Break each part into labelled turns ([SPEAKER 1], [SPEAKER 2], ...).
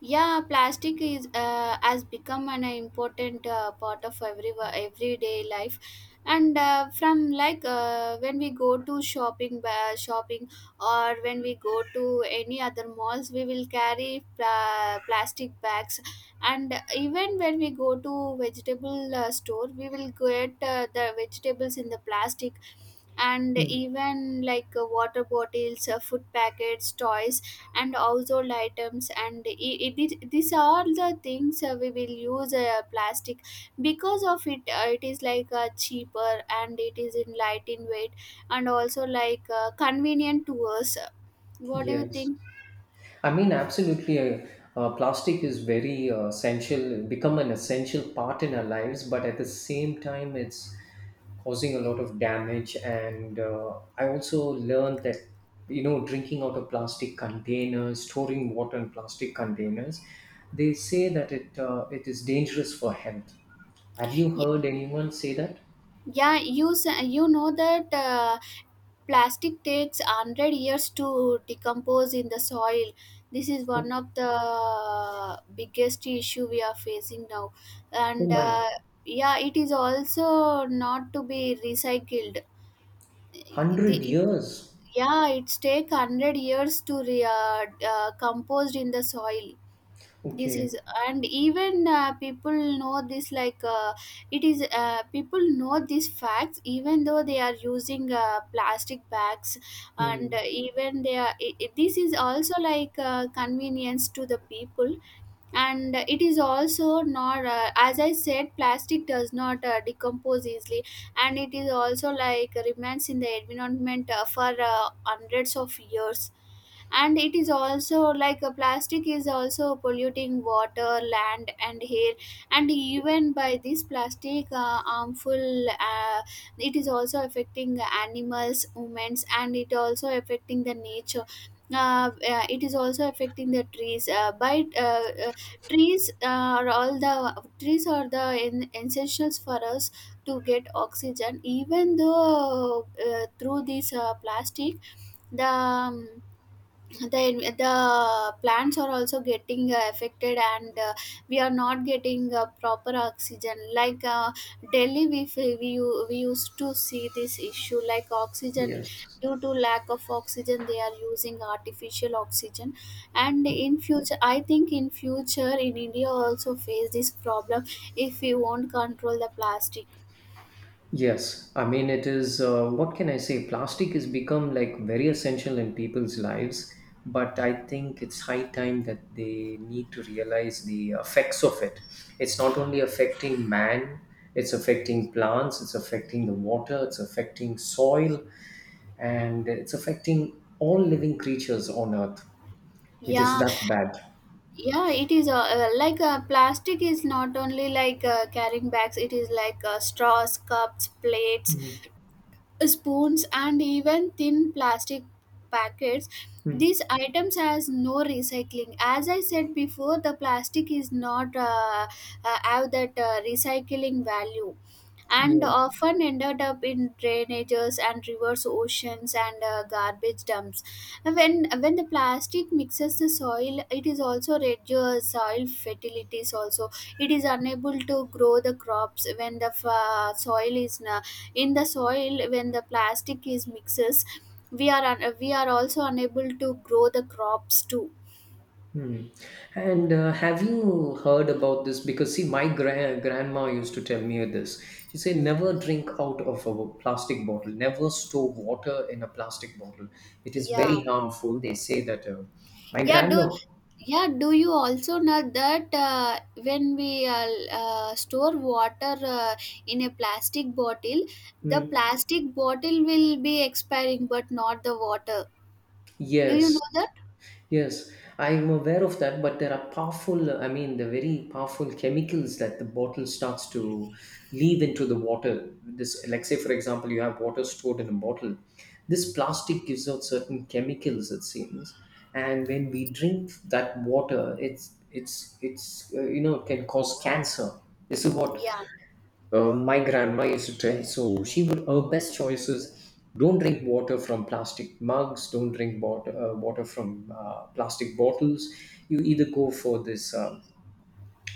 [SPEAKER 1] Yeah, plastic is has become an important part of everyday life, and from when we go to shopping, or when we go to any other malls, we will carry plastic bags, and even when we go to vegetable store, we will get the vegetables in the plastic, and
[SPEAKER 2] Mm,
[SPEAKER 1] even water bottles, food packets, toys and household items it is these are the things we will use plastic because of it is cheaper, and it is in light in weight, and also convenient to us. What do you
[SPEAKER 2] Yes,
[SPEAKER 1] think?
[SPEAKER 2] I mean absolutely. Plastic is very essential, become an essential part in our lives, but at the same time, it's causing a lot of damage. And I also learned that you know drinking out of plastic containers, storing water in plastic containers, they say that it is dangerous for health. Have you
[SPEAKER 1] Y-
[SPEAKER 2] heard anyone say that?
[SPEAKER 1] yeah, you know that plastic takes 100 years to decompose in the soil. This is one
[SPEAKER 2] Oh,
[SPEAKER 1] of the biggest issue we are facing now,
[SPEAKER 2] oh
[SPEAKER 1] and
[SPEAKER 2] my,
[SPEAKER 1] yeah, it is also not to be recycled.
[SPEAKER 2] hundred
[SPEAKER 1] the,
[SPEAKER 2] years.
[SPEAKER 1] yeah, it's take 100 years to composed in the soil. This
[SPEAKER 2] Okay.
[SPEAKER 1] is And even people know this like it is people know these facts, even though they are using plastic bags. And
[SPEAKER 2] Mm,
[SPEAKER 1] even they are this is also convenience to the people, and it is also not. As I said, plastic does not decompose easily, and it is also like remains in the environment for hundreds of years. And it is also like a plastic is also polluting water, land and air. And even by this plastic harmful it is also affecting animals, humans, and it also affecting the nature. It is also affecting the trees by trees are, all the trees are the essentials for us to get oxygen, even though through this plastic the um, the plants are also getting affected. And we are not getting proper oxygen. Delhi, we fe- we u- we used to see this issue like oxygen.
[SPEAKER 2] yes.
[SPEAKER 1] Due to lack of oxygen, they are using artificial oxygen, and
[SPEAKER 2] Hmm.
[SPEAKER 1] in future, I think in future, in India also face this problem if we won't control the plastic.
[SPEAKER 2] Yes, I mean it is. What can I say? Plastic has become like very essential in people's lives, but I think it's high time that they need to realize the effects of it. It's not only affecting man; it's affecting plants, it's affecting the water, it's affecting soil, and it's affecting all living creatures on Earth. It is
[SPEAKER 1] Yeah.
[SPEAKER 2] that bad.
[SPEAKER 1] Yeah, it is plastic is not only carrying bags, it is straws, cups, plates,
[SPEAKER 2] Mm,
[SPEAKER 1] spoons, and even thin plastic packets.
[SPEAKER 2] mm,
[SPEAKER 1] These items has no recycling. As I said before, the plastic is not have that recycling value, and
[SPEAKER 2] Yes.
[SPEAKER 1] often ended up in drainages and rivers, oceans, and garbage dumps. When the plastic mixes the soil, it is also reduces soil fertilities also. It is unable to grow the crops when the soil is in the soil, when the plastic is mixes, we are we are also unable to grow the crops too.
[SPEAKER 2] Hmm. And have you heard about this? Because see, my grandma used to tell me this. She said, never drink out of a plastic bottle. Never store water in a plastic bottle. It is
[SPEAKER 1] Yeah.
[SPEAKER 2] very harmful. They say that. My
[SPEAKER 1] yeah do
[SPEAKER 2] grandma.
[SPEAKER 1] yeah, do you also know that when we store water in a plastic bottle, the
[SPEAKER 2] Hmm.
[SPEAKER 1] plastic bottle will be expiring but not the water? Do you know
[SPEAKER 2] Yes.
[SPEAKER 1] that?
[SPEAKER 2] Yes, I'm aware of that, but there are powerful, I mean, the very powerful chemicals that the bottle starts to leave into the water. This, like, say, for example, you have water stored in a bottle. This plastic gives out certain chemicals, it seems, and when we drink that water, it's you know it can cause cancer. This is what
[SPEAKER 1] Yeah.
[SPEAKER 2] my grandma used to tell, so she would, her best choices, don't drink water from plastic mugs, don't drink water from plastic bottles. You either go for this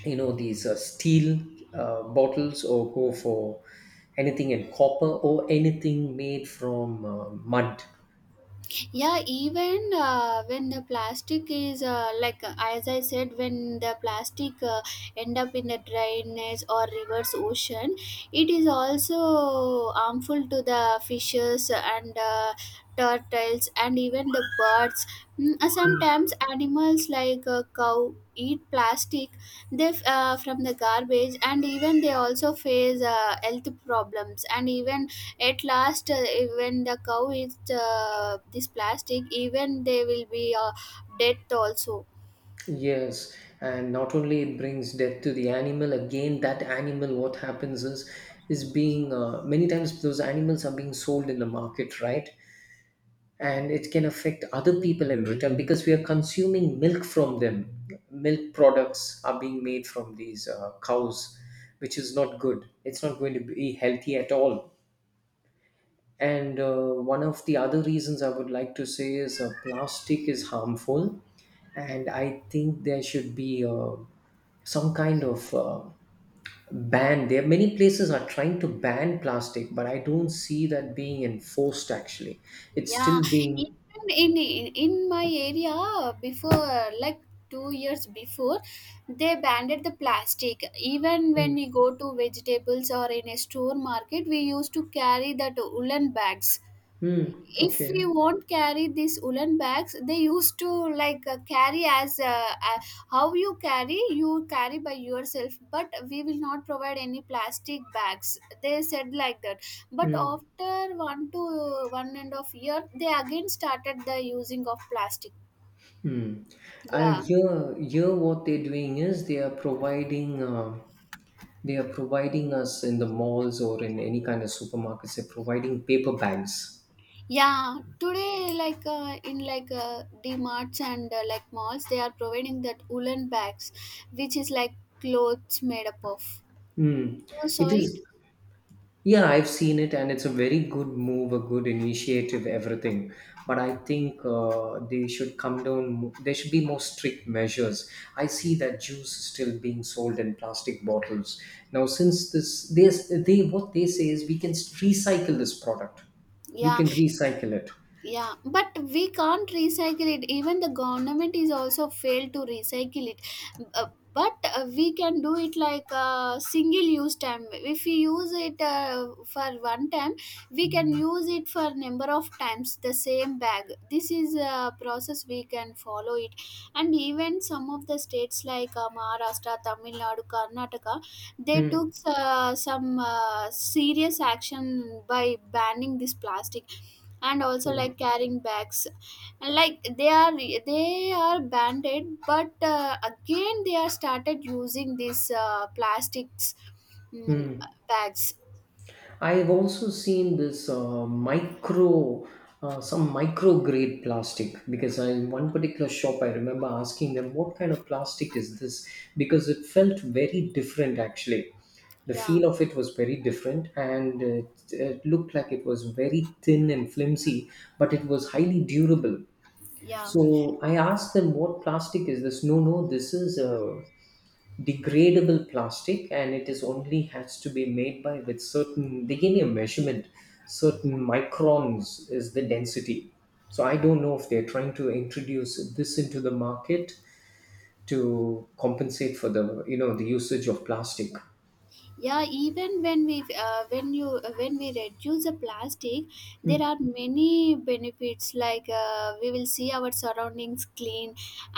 [SPEAKER 2] you know these steel bottles, or go for anything in copper or anything made from mud.
[SPEAKER 1] Yeah, even when the plastic is as I said, when the plastic end up in the drainage or rivers, ocean, it is also harmful to the fishes and turtles and even the birds. Mm,
[SPEAKER 2] Mm.
[SPEAKER 1] sometimes animals like a cow eat plastic. From the garbage, and even they also face health problems. And even at last, when the cow is this plastic, even they will be dead also.
[SPEAKER 2] Yes, and not only it brings death to the animal, again, that animal, what happens is being many times those animals are being sold in the market, right? And it can affect other people in return because we are consuming milk from them. Milk products are being made from these cows, which is not good. It's not going to be healthy at all. And one of the other reasons I would like to say is plastic is harmful, and I think there should be some kind of ban. There, many places are trying to ban plastic, but I don't see that being enforced. Actually, it's
[SPEAKER 1] Yeah,
[SPEAKER 2] still being.
[SPEAKER 1] even in my area, before like 2 years before, they banned the plastic. Even when we go to vegetables or in a store market, we used to carry that woolen bags.
[SPEAKER 2] Hmm.
[SPEAKER 1] If we
[SPEAKER 2] Okay.
[SPEAKER 1] won't carry these woolen bags, they used to carry as how you carry, you carry by yourself, but we will not provide any plastic bags, they said like that. But
[SPEAKER 2] Hmm.
[SPEAKER 1] after one to one and a half year, they again started the using of plastic.
[SPEAKER 2] Hmm.
[SPEAKER 1] Yeah.
[SPEAKER 2] Here, what they're doing is they are providing us in the malls or in any kind of supermarkets. They're providing paper bags.
[SPEAKER 1] Yeah, today like in like marts and malls, they are providing that woolen bags, which is like clothes made up of.
[SPEAKER 2] Hmm.
[SPEAKER 1] You saw
[SPEAKER 2] It
[SPEAKER 1] it?
[SPEAKER 2] is. Yeah, I've seen it, and it's a very good move, a good initiative, everything. But I think they should come down, there should be more strict measures. I see that juice is still being sold in plastic bottles. Now, since this, they what they say is we can recycle this product, we
[SPEAKER 1] Yeah.
[SPEAKER 2] can recycle it.
[SPEAKER 1] Yeah, but we can't recycle it. Even the government is also failed to recycle it. Uh, but we can do it like a single use time. If we use it for one time, we can use it for number of times, the same bag. This is a process we can follow it. And even some of the states Maharashtra, Tamil Nadu, Karnataka, they
[SPEAKER 2] Hmm.
[SPEAKER 1] took some serious action by banning this plastic and also
[SPEAKER 2] Hmm.
[SPEAKER 1] like carrying bags. And like they are banned it, but again they are started using these plastics, mm,
[SPEAKER 2] Hmm.
[SPEAKER 1] bags.
[SPEAKER 2] I've also seen this some micro grade plastic because I, in one particular shop, I remember asking them what kind of plastic is this, because it felt very different actually. The
[SPEAKER 1] Yeah.
[SPEAKER 2] feel of it was very different and it looked like it was very thin and flimsy, but it was highly durable.
[SPEAKER 1] Yeah,
[SPEAKER 2] So I asked them, what plastic is this? No, no, this is a degradable plastic and it is only has to be made by with certain, they gave me a measurement, certain microns is the density. So I don't know if they're trying to introduce this into the market to compensate for the you know the usage of plastic.
[SPEAKER 1] yeah even when we reduce the plastic,
[SPEAKER 2] Hmm.
[SPEAKER 1] there are many benefits. We will see our surroundings clean,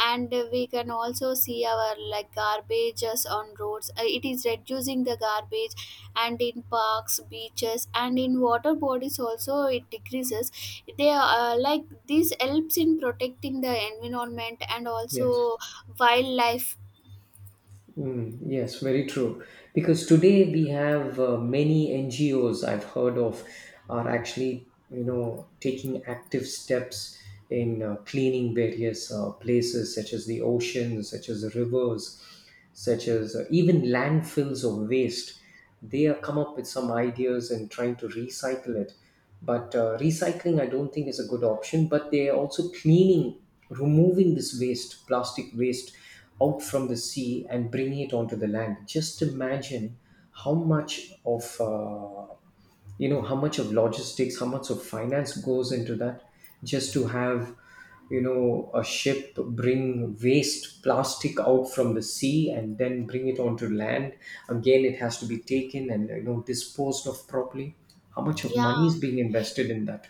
[SPEAKER 1] and we can also see our like garbages on roads. It is reducing the garbage, and in parks, beaches, and in water bodies also, it decreases. They like This helps in protecting the environment and
[SPEAKER 2] Yes.
[SPEAKER 1] also wildlife.
[SPEAKER 2] Mm, yes, very true. Because today we have many NGOs I've heard of are actually, you know, taking active steps in cleaning various places such as the oceans, such as rivers, such as even landfills of waste. They have come up with some ideas and trying to recycle it, but recycling I don't think is a good option, but they are also cleaning, removing this waste, plastic waste, out from the sea and bringing it onto the land. Just imagine how much of you know how much of logistics, how much of finance goes into that, just to have you know a ship bring waste plastic out from the sea and then bring it onto land. Again it has to be taken and you know disposed of properly. How much of money
[SPEAKER 1] Yeah.
[SPEAKER 2] is being invested in that?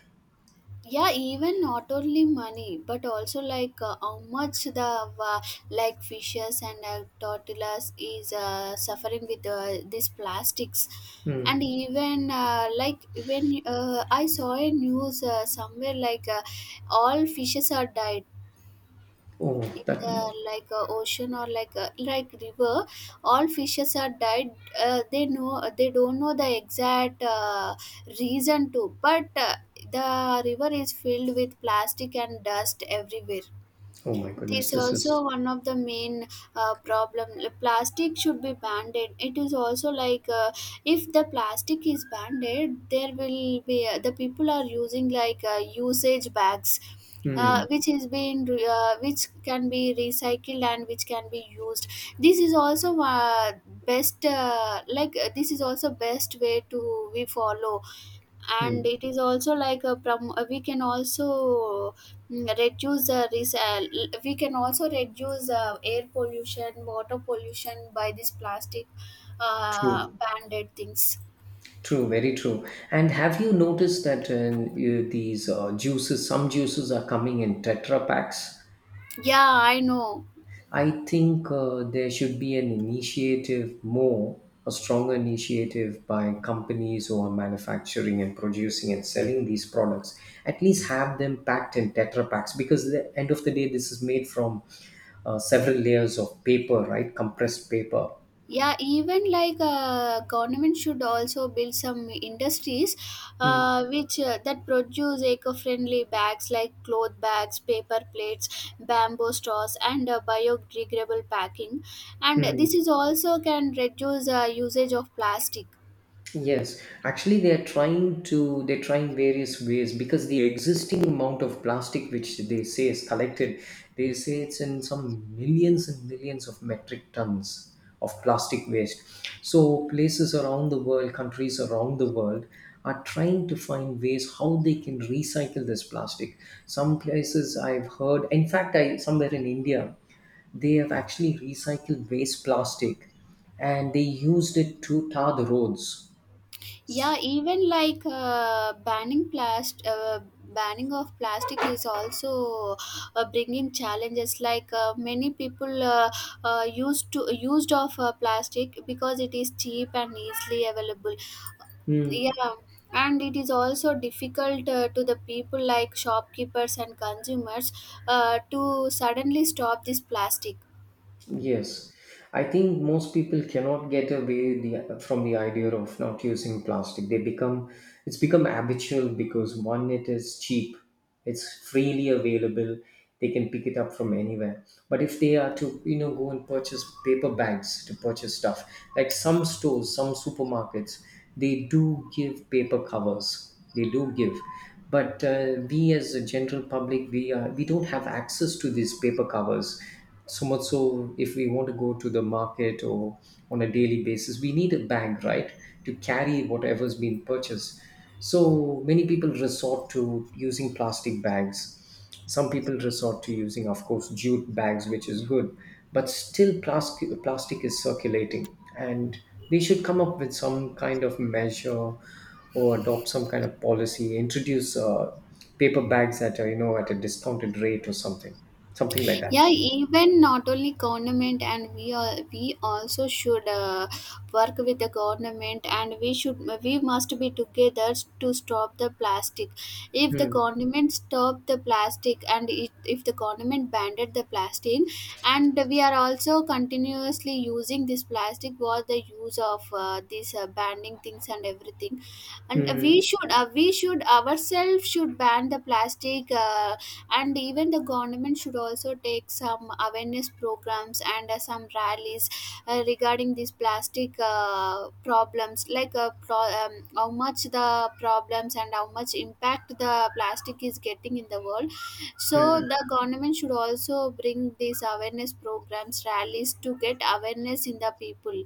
[SPEAKER 1] Yeah, even not only money but also how much the uh, fishes and tortillas is suffering with these plastics.
[SPEAKER 2] Hmm.
[SPEAKER 1] And even like when I saw a news somewhere like all fishes are died
[SPEAKER 2] Oh,
[SPEAKER 1] in
[SPEAKER 2] that.
[SPEAKER 1] the ocean or river. All fishes are died. They know, they don't know the exact reason to, but the river is filled with plastic and dust everywhere.
[SPEAKER 2] Oh my
[SPEAKER 1] This
[SPEAKER 2] goodness, this
[SPEAKER 1] also
[SPEAKER 2] is.
[SPEAKER 1] one of the main problem. Plastic should be banned. It is also if the plastic is banned, there will be the people are using usage bags,
[SPEAKER 2] Hmm.
[SPEAKER 1] which is being re- which can be recycled and which can be used. This is also best like this is also best way to we follow, and
[SPEAKER 2] Hmm.
[SPEAKER 1] it is also we can also reduce the we can also reduce air pollution, water pollution by this plastic
[SPEAKER 2] True.
[SPEAKER 1] banded things.
[SPEAKER 2] True. Very true. And have you noticed that these juices, some juices are coming in tetra packs?
[SPEAKER 1] Yeah, I know.
[SPEAKER 2] I think there should be an initiative more, a stronger initiative by companies who are manufacturing and producing and selling these products. At least have them packed in Tetra packs, because at the end of the day, this is made from several layers of paper, right? Compressed paper.
[SPEAKER 1] Yeah, even government should also build some industries which that produce eco-friendly bags like cloth bags, paper plates, bamboo straws, and biodegradable packing. And this
[SPEAKER 2] Mm-hmm.
[SPEAKER 1] is also can reduce usage of plastic.
[SPEAKER 2] Yes, actually, they are trying to, they're trying various ways, because the existing amount of plastic which they say is collected, they say it's in some millions and millions of metric tons of plastic waste. So, places around the world, countries around the world are trying to find ways how they can recycle this plastic. Some places I've heard, in fact, I somewhere in India, they have actually recycled waste plastic and they used it to tar the roads.
[SPEAKER 1] Yeah, even banning of plastic is also bringing challenges. Many people used to used of plastic because it is cheap and easily available.
[SPEAKER 2] Hmm.
[SPEAKER 1] Yeah, and it is also difficult to the people like shopkeepers and consumers to suddenly stop this plastic.
[SPEAKER 2] Yes, I think most people cannot get away the, from the idea of not using plastic. They become, it's become habitual because one, it is cheap, it's freely available. They can pick it up from anywhere. But if they are to you know go and purchase paper bags to purchase stuff, like some stores, some supermarkets, they do give paper covers. They do give. But we as a general public, we don't have access to these paper covers, so much so if we want to go to the market or on a daily basis we need a bag, right, to carry whatever's been purchased. So many people resort to using plastic bags, some people resort to using of course jute bags which is good, but still plastic is circulating, and they should come up with some kind of measure or adopt some kind of policy, introduce paper bags at a, you know at a discounted rate or something, something like that.
[SPEAKER 1] Yeah, even not only government, and we are, we also should work with the government, and we should, we must be together to stop the plastic. If the
[SPEAKER 2] Hmm.
[SPEAKER 1] government stop the plastic, and it, if the government banned the plastic, and we are also continuously using this plastic, was the use of these banning things and everything. And
[SPEAKER 2] Hmm.
[SPEAKER 1] we should, we should ourselves should ban the plastic. And even the government should also take some awareness programs and some rallies regarding these plastic problems, like how much the problems and how much impact the plastic is getting in the world. So
[SPEAKER 2] Hmm.
[SPEAKER 1] the government should also bring these awareness programs, rallies, to get awareness in the people.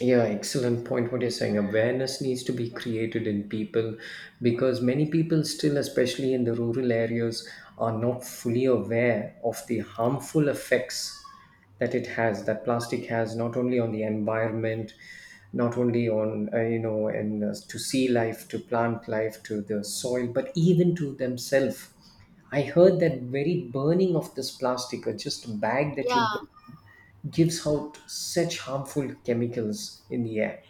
[SPEAKER 2] Yeah, excellent point. What you're saying, awareness needs to be created in people, because many people, still, especially in the rural areas, are not fully aware of the harmful effects that it has, that plastic has, not only on the environment, not only on, you know, and to sea life, to plant life, to the soil, but even to themselves. I heard that very burning of this plastic or just a bag that you
[SPEAKER 1] Yeah.
[SPEAKER 2] gives out such harmful chemicals in the air.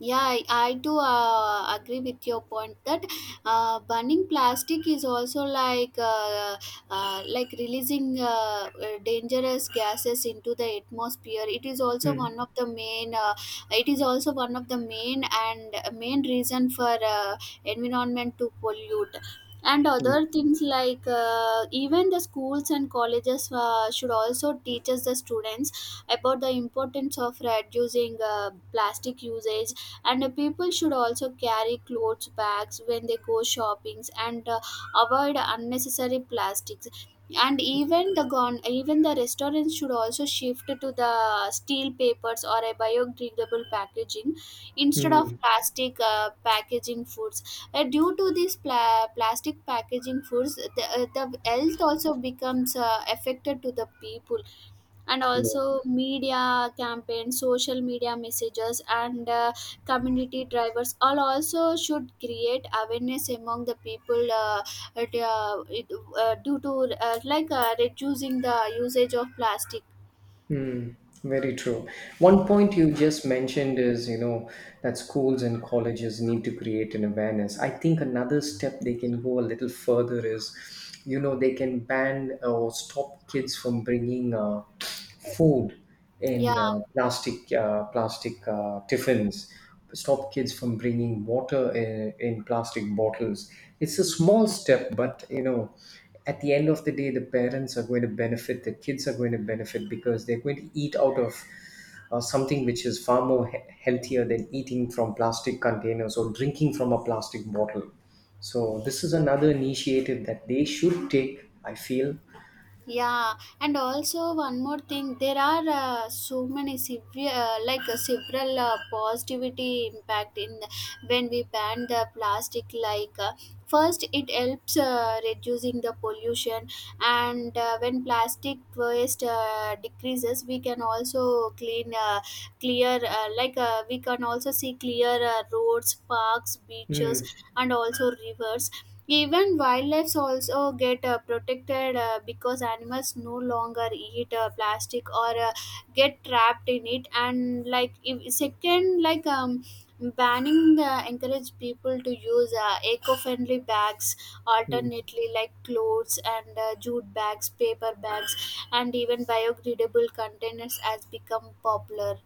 [SPEAKER 1] Yeah, I do agree with your point that burning plastic is also like releasing dangerous gases into the atmosphere. It is also
[SPEAKER 2] Mm,
[SPEAKER 1] one of the main. It is also one of the main and main reason for environment to pollute. And
[SPEAKER 2] mm,
[SPEAKER 1] other things even the schools and colleges should also teach us the students about the importance of reducing plastic usage. And people should also carry clothes bags when they go shoppings, and avoid unnecessary plastics. And even the even the restaurants should also shift to the steel papers or a biodegradable packaging instead of
[SPEAKER 2] mm,
[SPEAKER 1] plastic packaging foods. Due to these plastic packaging foods, the health also becomes affected to the people. And also
[SPEAKER 2] yes,
[SPEAKER 1] media campaigns, social media messages, and community drivers all also should create awareness among the people at, it- due to like reducing the usage of plastic.
[SPEAKER 2] mm, very true. One point you just mentioned is, you know, that schools and colleges need to create an awareness. I think another step they can go a little further is, you know, they can ban or stop kids from bringing food in
[SPEAKER 1] Yeah.
[SPEAKER 2] plastic tiffins, stop kids from bringing water in plastic bottles. It's a small step, but you know at the end of the day the parents are going to benefit, the kids are going to benefit, because they're going to eat out of something which is far more healthier than eating from plastic containers or drinking from a plastic bottle. So this is another initiative that they should take, I feel.
[SPEAKER 1] Yeah, and also one more thing, there are so many severe, several positivity impact in the, when we ban the plastic. First, it helps reducing the pollution, and when plastic waste decreases, we can also clean, clear, like we can also see clear roads, parks, beaches,
[SPEAKER 2] Mm.
[SPEAKER 1] and also rivers. Even wildlife also get protected because animals no longer eat plastic or get trapped in it. And like if, second, banning encourage people to use eco-friendly bags
[SPEAKER 2] Mm.
[SPEAKER 1] alternately, like clothes and jute bags, paper bags, and even biodegradable containers has become popular.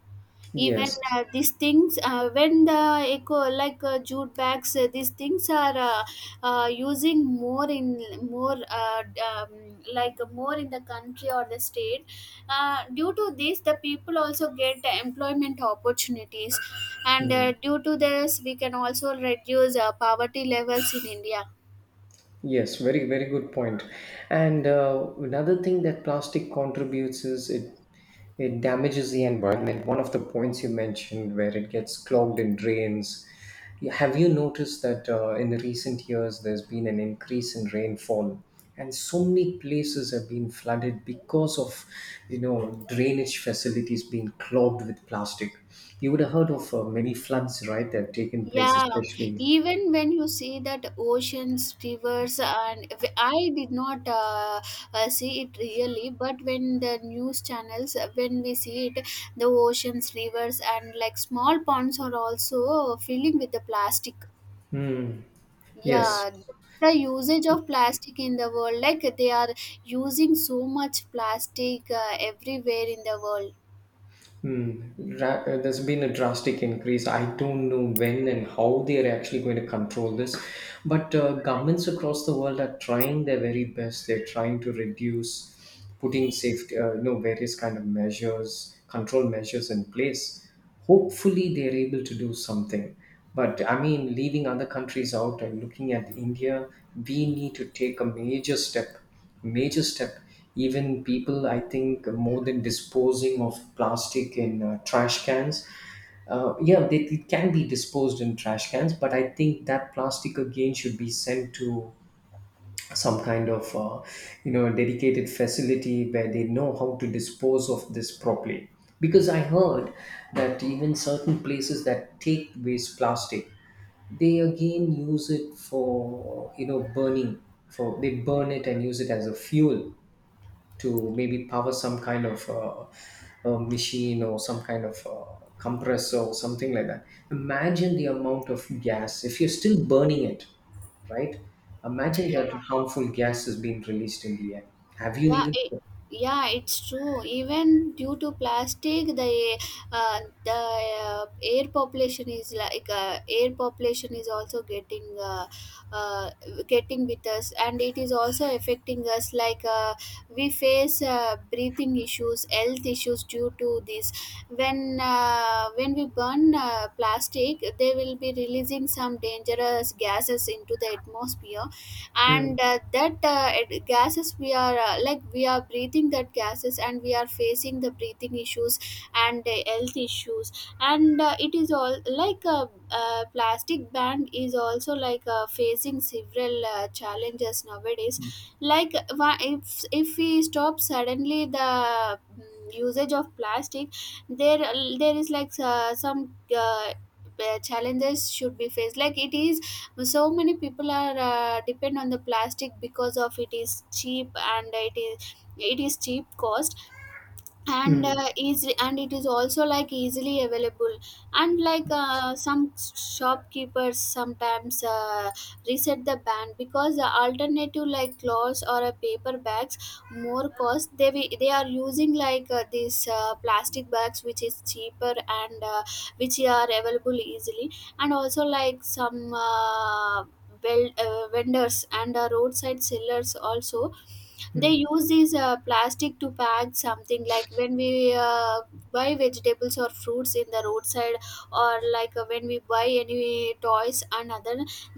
[SPEAKER 1] Even
[SPEAKER 2] Yes.
[SPEAKER 1] these things, when the eco, jute bags, these things are using more in more like more in the country or the state. Due to this, the people also get employment opportunities, and
[SPEAKER 2] Mm.
[SPEAKER 1] due to this, we can also reduce poverty levels in India.
[SPEAKER 2] Yes, very, very good point. And another thing that plastic contributes is it damages the environment. One of the points you mentioned where it gets clogged in drains. You- Have you noticed that in the recent years there's been an increase in rainfall, and so many places have been flooded because of you know drainage facilities being clogged with plastic. You would have heard of many floods, right, that have taken place,
[SPEAKER 1] Yeah,
[SPEAKER 2] especially.
[SPEAKER 1] even when you see that oceans, rivers, and I did not see it really, but when the news channels, when we see it, the oceans, rivers, and like small ponds are also filling with the plastic.
[SPEAKER 2] Hmm. Yes.
[SPEAKER 1] Yeah, the usage of plastic in the world, like they are using so much plastic everywhere in the world.
[SPEAKER 2] Hmm. There's been a drastic increase. I don't know when and how they are actually going to control this, but governments across the world are trying their very best. They're trying to reduce, putting safety, various kind of measures, control measures in place. Hopefully they're able to do something, but I mean, leaving other countries out and looking at India, we need to take a major step. Major step. Even people, I think, more than disposing of plastic in trash cans, yeah, it can be disposed in trash cans, but I think that plastic again should be sent to some kind of dedicated facility where they know how to dispose of this properly, because I heard that even certain places that take waste plastic, they again use it for, burning. For They burn it and use it as a fuel to maybe power some kind of machine or some kind of compressor or something like that. Imagine the amount of gas if you're still burning it, right? Imagine that
[SPEAKER 1] Yeah.
[SPEAKER 2] harmful gas is being released in the air. Have you
[SPEAKER 1] Yeah,
[SPEAKER 2] even?
[SPEAKER 1] yeah, it's true. Even due to plastic, the air population is air population is also getting uh, getting with us, and it is also affecting us. We face breathing issues, health issues due to this. When we burn plastic, they will be releasing some dangerous gases into the atmosphere,
[SPEAKER 2] Mm,
[SPEAKER 1] and gases we are like we are breathing that gases, and we are facing the breathing issues and health issues. And it is all like plastic ban is also facing several challenges nowadays. If we stop suddenly the usage of plastic, there there is like some challenges should be faced. Like it is, so many people are depend on the plastic because of it is cheap, and it is cheap cost, and
[SPEAKER 2] mm,
[SPEAKER 1] easily, and it is also like easily available. And some shopkeepers sometimes reset the ban because the alternative like cloths or a paper bags more cost. They are using these plastic bags, which is cheaper and which are available easily. And also vendors and roadside sellers also, they
[SPEAKER 2] mm,
[SPEAKER 1] use these plastic to pack something, like when we buy vegetables or fruits in the roadside, or when we buy any toys and other,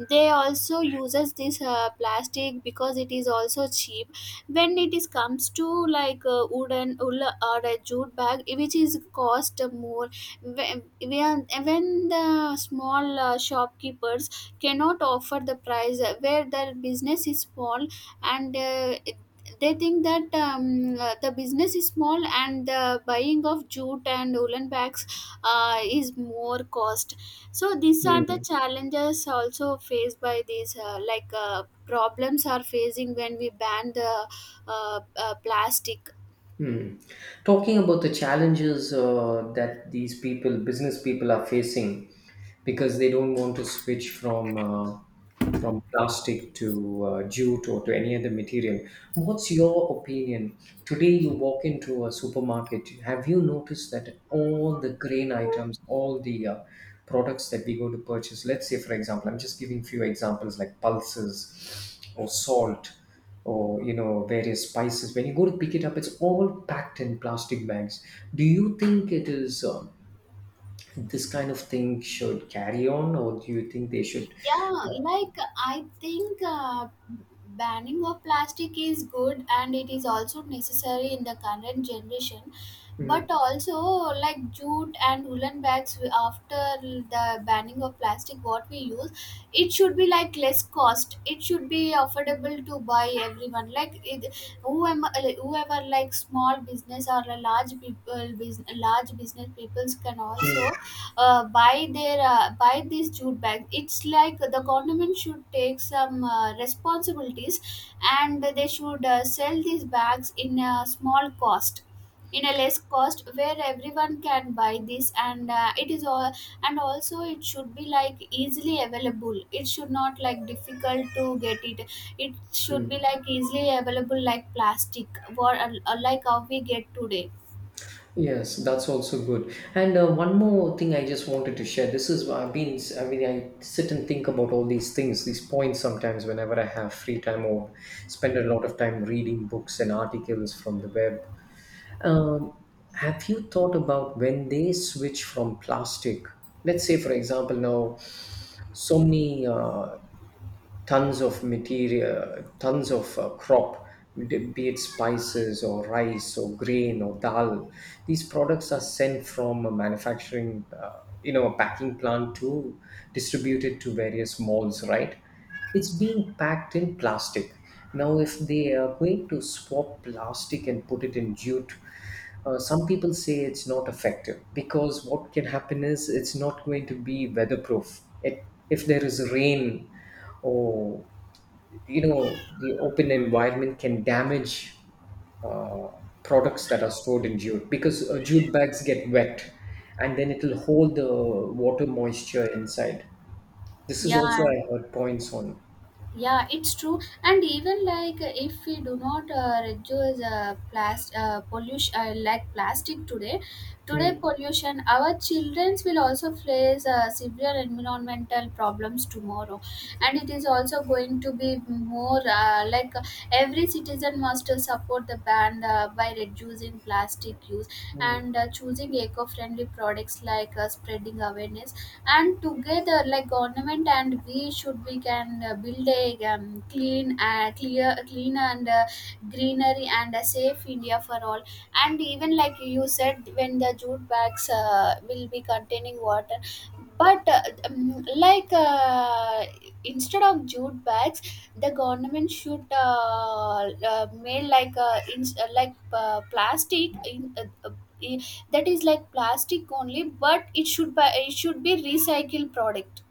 [SPEAKER 1] they also uses this plastic because it is also cheap, when it is comes to wooden wool or a jute bag, which is cost more. When the small shopkeepers cannot offer the price where their business is small, and they think that the business is small and the buying of jute and woolen bags is more cost. So these are the
[SPEAKER 2] mm.
[SPEAKER 1] challenges also faced by these problems are facing when we ban the plastic.
[SPEAKER 2] Hmm. Talking about the challenges that these people, business people, are facing, because they don't want to switch from plastic to jute or to any other material. What's your opinion? Today, you walk into a supermarket. Have you noticed that all the grain items, all the products that we go to purchase? Let's say, for example, I'm just giving few examples like pulses or salt or, various spices. When you go to pick it up, it's all packed in plastic bags. Do you think it is, this kind of thing should carry on, or do you think they should?
[SPEAKER 1] Yeah, like I think banning of plastic is good, and it is also necessary in the current generation.
[SPEAKER 2] Mm,
[SPEAKER 1] But also, like jute and woolen bags, after the banning of plastic, what we use, it should be like less cost, it should be affordable to buy everyone, whoever, whoever like small business or a large people business, large business peoples can also
[SPEAKER 2] mm,
[SPEAKER 1] buy these jute bags. It's like the government should take some responsibilities, and they should sell these bags in a small cost, in a less cost, where everyone can buy this. And it is all, and also it should be like easily available, it should not like difficult to get it, it should be
[SPEAKER 2] mm.
[SPEAKER 1] like easily available like plastic, or like how we get today.
[SPEAKER 2] Yes, that's also good. And one more thing I just wanted to share. This is, I've been, I mean, I sit and think about all these things, these points sometimes whenever I have free time, or spend a lot of time reading books and articles from the web. Um, have you thought about when they switch from plastic? Let's say, for example, now so many tons of material, tons of crop, be it spices or rice or grain or dal. These products are sent from a manufacturing, a packing plant to distributed to various malls, right? It's being packed in plastic. Now, if they are going to swap plastic and put it in jute, some people say it's not effective because what can happen is it's not going to be weatherproof. It, if there is rain. Oh, you know, the open environment can damage uh, products that are stored in jute because jute bags get wet and then it'll hold the water moisture inside. This is also
[SPEAKER 1] Yeah,
[SPEAKER 2] I heard points on.
[SPEAKER 1] yeah, it's true. And even if we do not reduce plastic pollution, like plastic today, today
[SPEAKER 2] Mm,
[SPEAKER 1] pollution, our childrens will also face severe environmental problems tomorrow. And it is also going to be more every citizen must support the ban by reducing plastic use
[SPEAKER 2] mm.
[SPEAKER 1] and choosing eco-friendly products, spreading awareness. And together, like government and we should, we can build a clean and greenery and a safe India for all. And even like you said, when the jute bags will be containing water, but instead of jute bags, the government should make like in, like plastic in that is like plastic only, but it should be recycled product,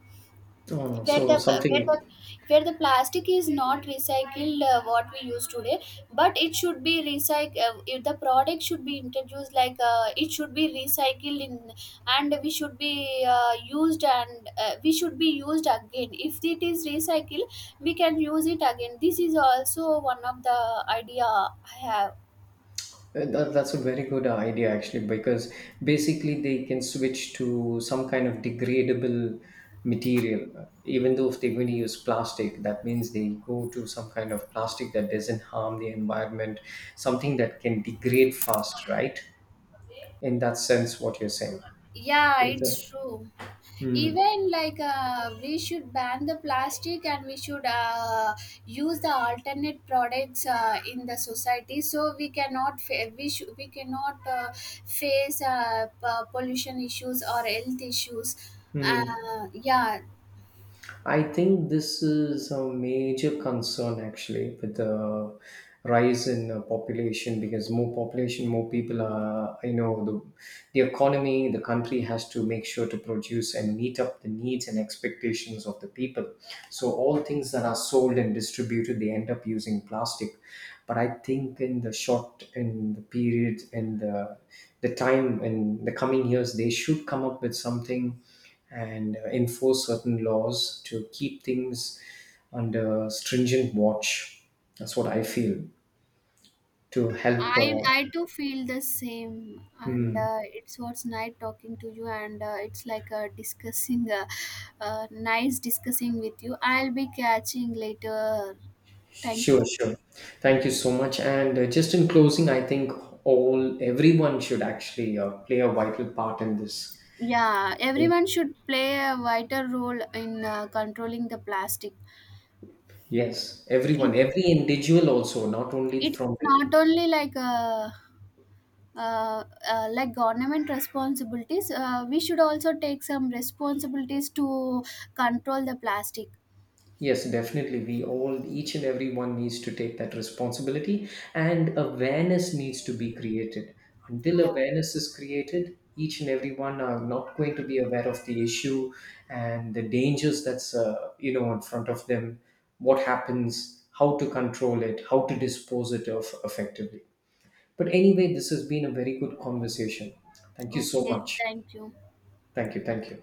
[SPEAKER 2] Oh,
[SPEAKER 1] where
[SPEAKER 2] so
[SPEAKER 1] where the
[SPEAKER 2] something.
[SPEAKER 1] the plastic is not recycled what we use today, but it should be recycled. If the product should be introduced, it should be recycled in, and we should be used, and we should be used again. If it is recycled, we can use it again. This is also one of the idea I have.
[SPEAKER 2] That, that's a very good idea, actually, because basically they can switch to some kind of degradable material. Even though if they're going to use plastic, that means they go to some kind of plastic that doesn't harm the environment, something that can degrade fast, right? In that sense, what you're saying.
[SPEAKER 1] Yeah,
[SPEAKER 2] Is
[SPEAKER 1] it's
[SPEAKER 2] that-
[SPEAKER 1] true.
[SPEAKER 2] Hmm.
[SPEAKER 1] Even we should ban the plastic, and we should use the alternate products in the society, so we cannot we cannot face pollution issues or health issues.
[SPEAKER 2] Hmm.
[SPEAKER 1] Yeah.
[SPEAKER 2] I think this is a major concern actually with the rise in population, because more population, more people are, you know, the economy, the country has to make sure to produce and meet up the needs and expectations of the people. So, all things that are sold and distributed, they end up using plastic. But I think in the short, in the period, in the time, in the coming years, they should come up with something and enforce certain laws to keep things under stringent watch. That's what I feel, to help.
[SPEAKER 1] I, I too feel the same, and
[SPEAKER 2] Mm,
[SPEAKER 1] it's what's nice talking to you, and it's like discussing nice discussing with you. I'll be catching later. Thank
[SPEAKER 2] sure,
[SPEAKER 1] you.
[SPEAKER 2] sure. Thank you so much. And just in closing, I think all, everyone should actually play a vital part in this.
[SPEAKER 1] Yeah, everyone should play a vital role in controlling the plastic.
[SPEAKER 2] Yes,
[SPEAKER 1] It
[SPEAKER 2] everyone, every individual also, not only
[SPEAKER 1] it's
[SPEAKER 2] from the.
[SPEAKER 1] not only like government responsibilities. We should also take some responsibilities to control the plastic.
[SPEAKER 2] Yes, definitely. We all, each and everyone needs to take that responsibility, and awareness needs to be created. Until
[SPEAKER 1] Yeah.
[SPEAKER 2] awareness is created, each and everyone are not going to be aware of the issue and the dangers that's, in front of them. What happens? How to control it? How to dispose it of effectively? But anyway, this has been a very good conversation. Thank you so
[SPEAKER 1] Okay.
[SPEAKER 2] much.
[SPEAKER 1] Thank you.
[SPEAKER 2] Thank you. Thank you.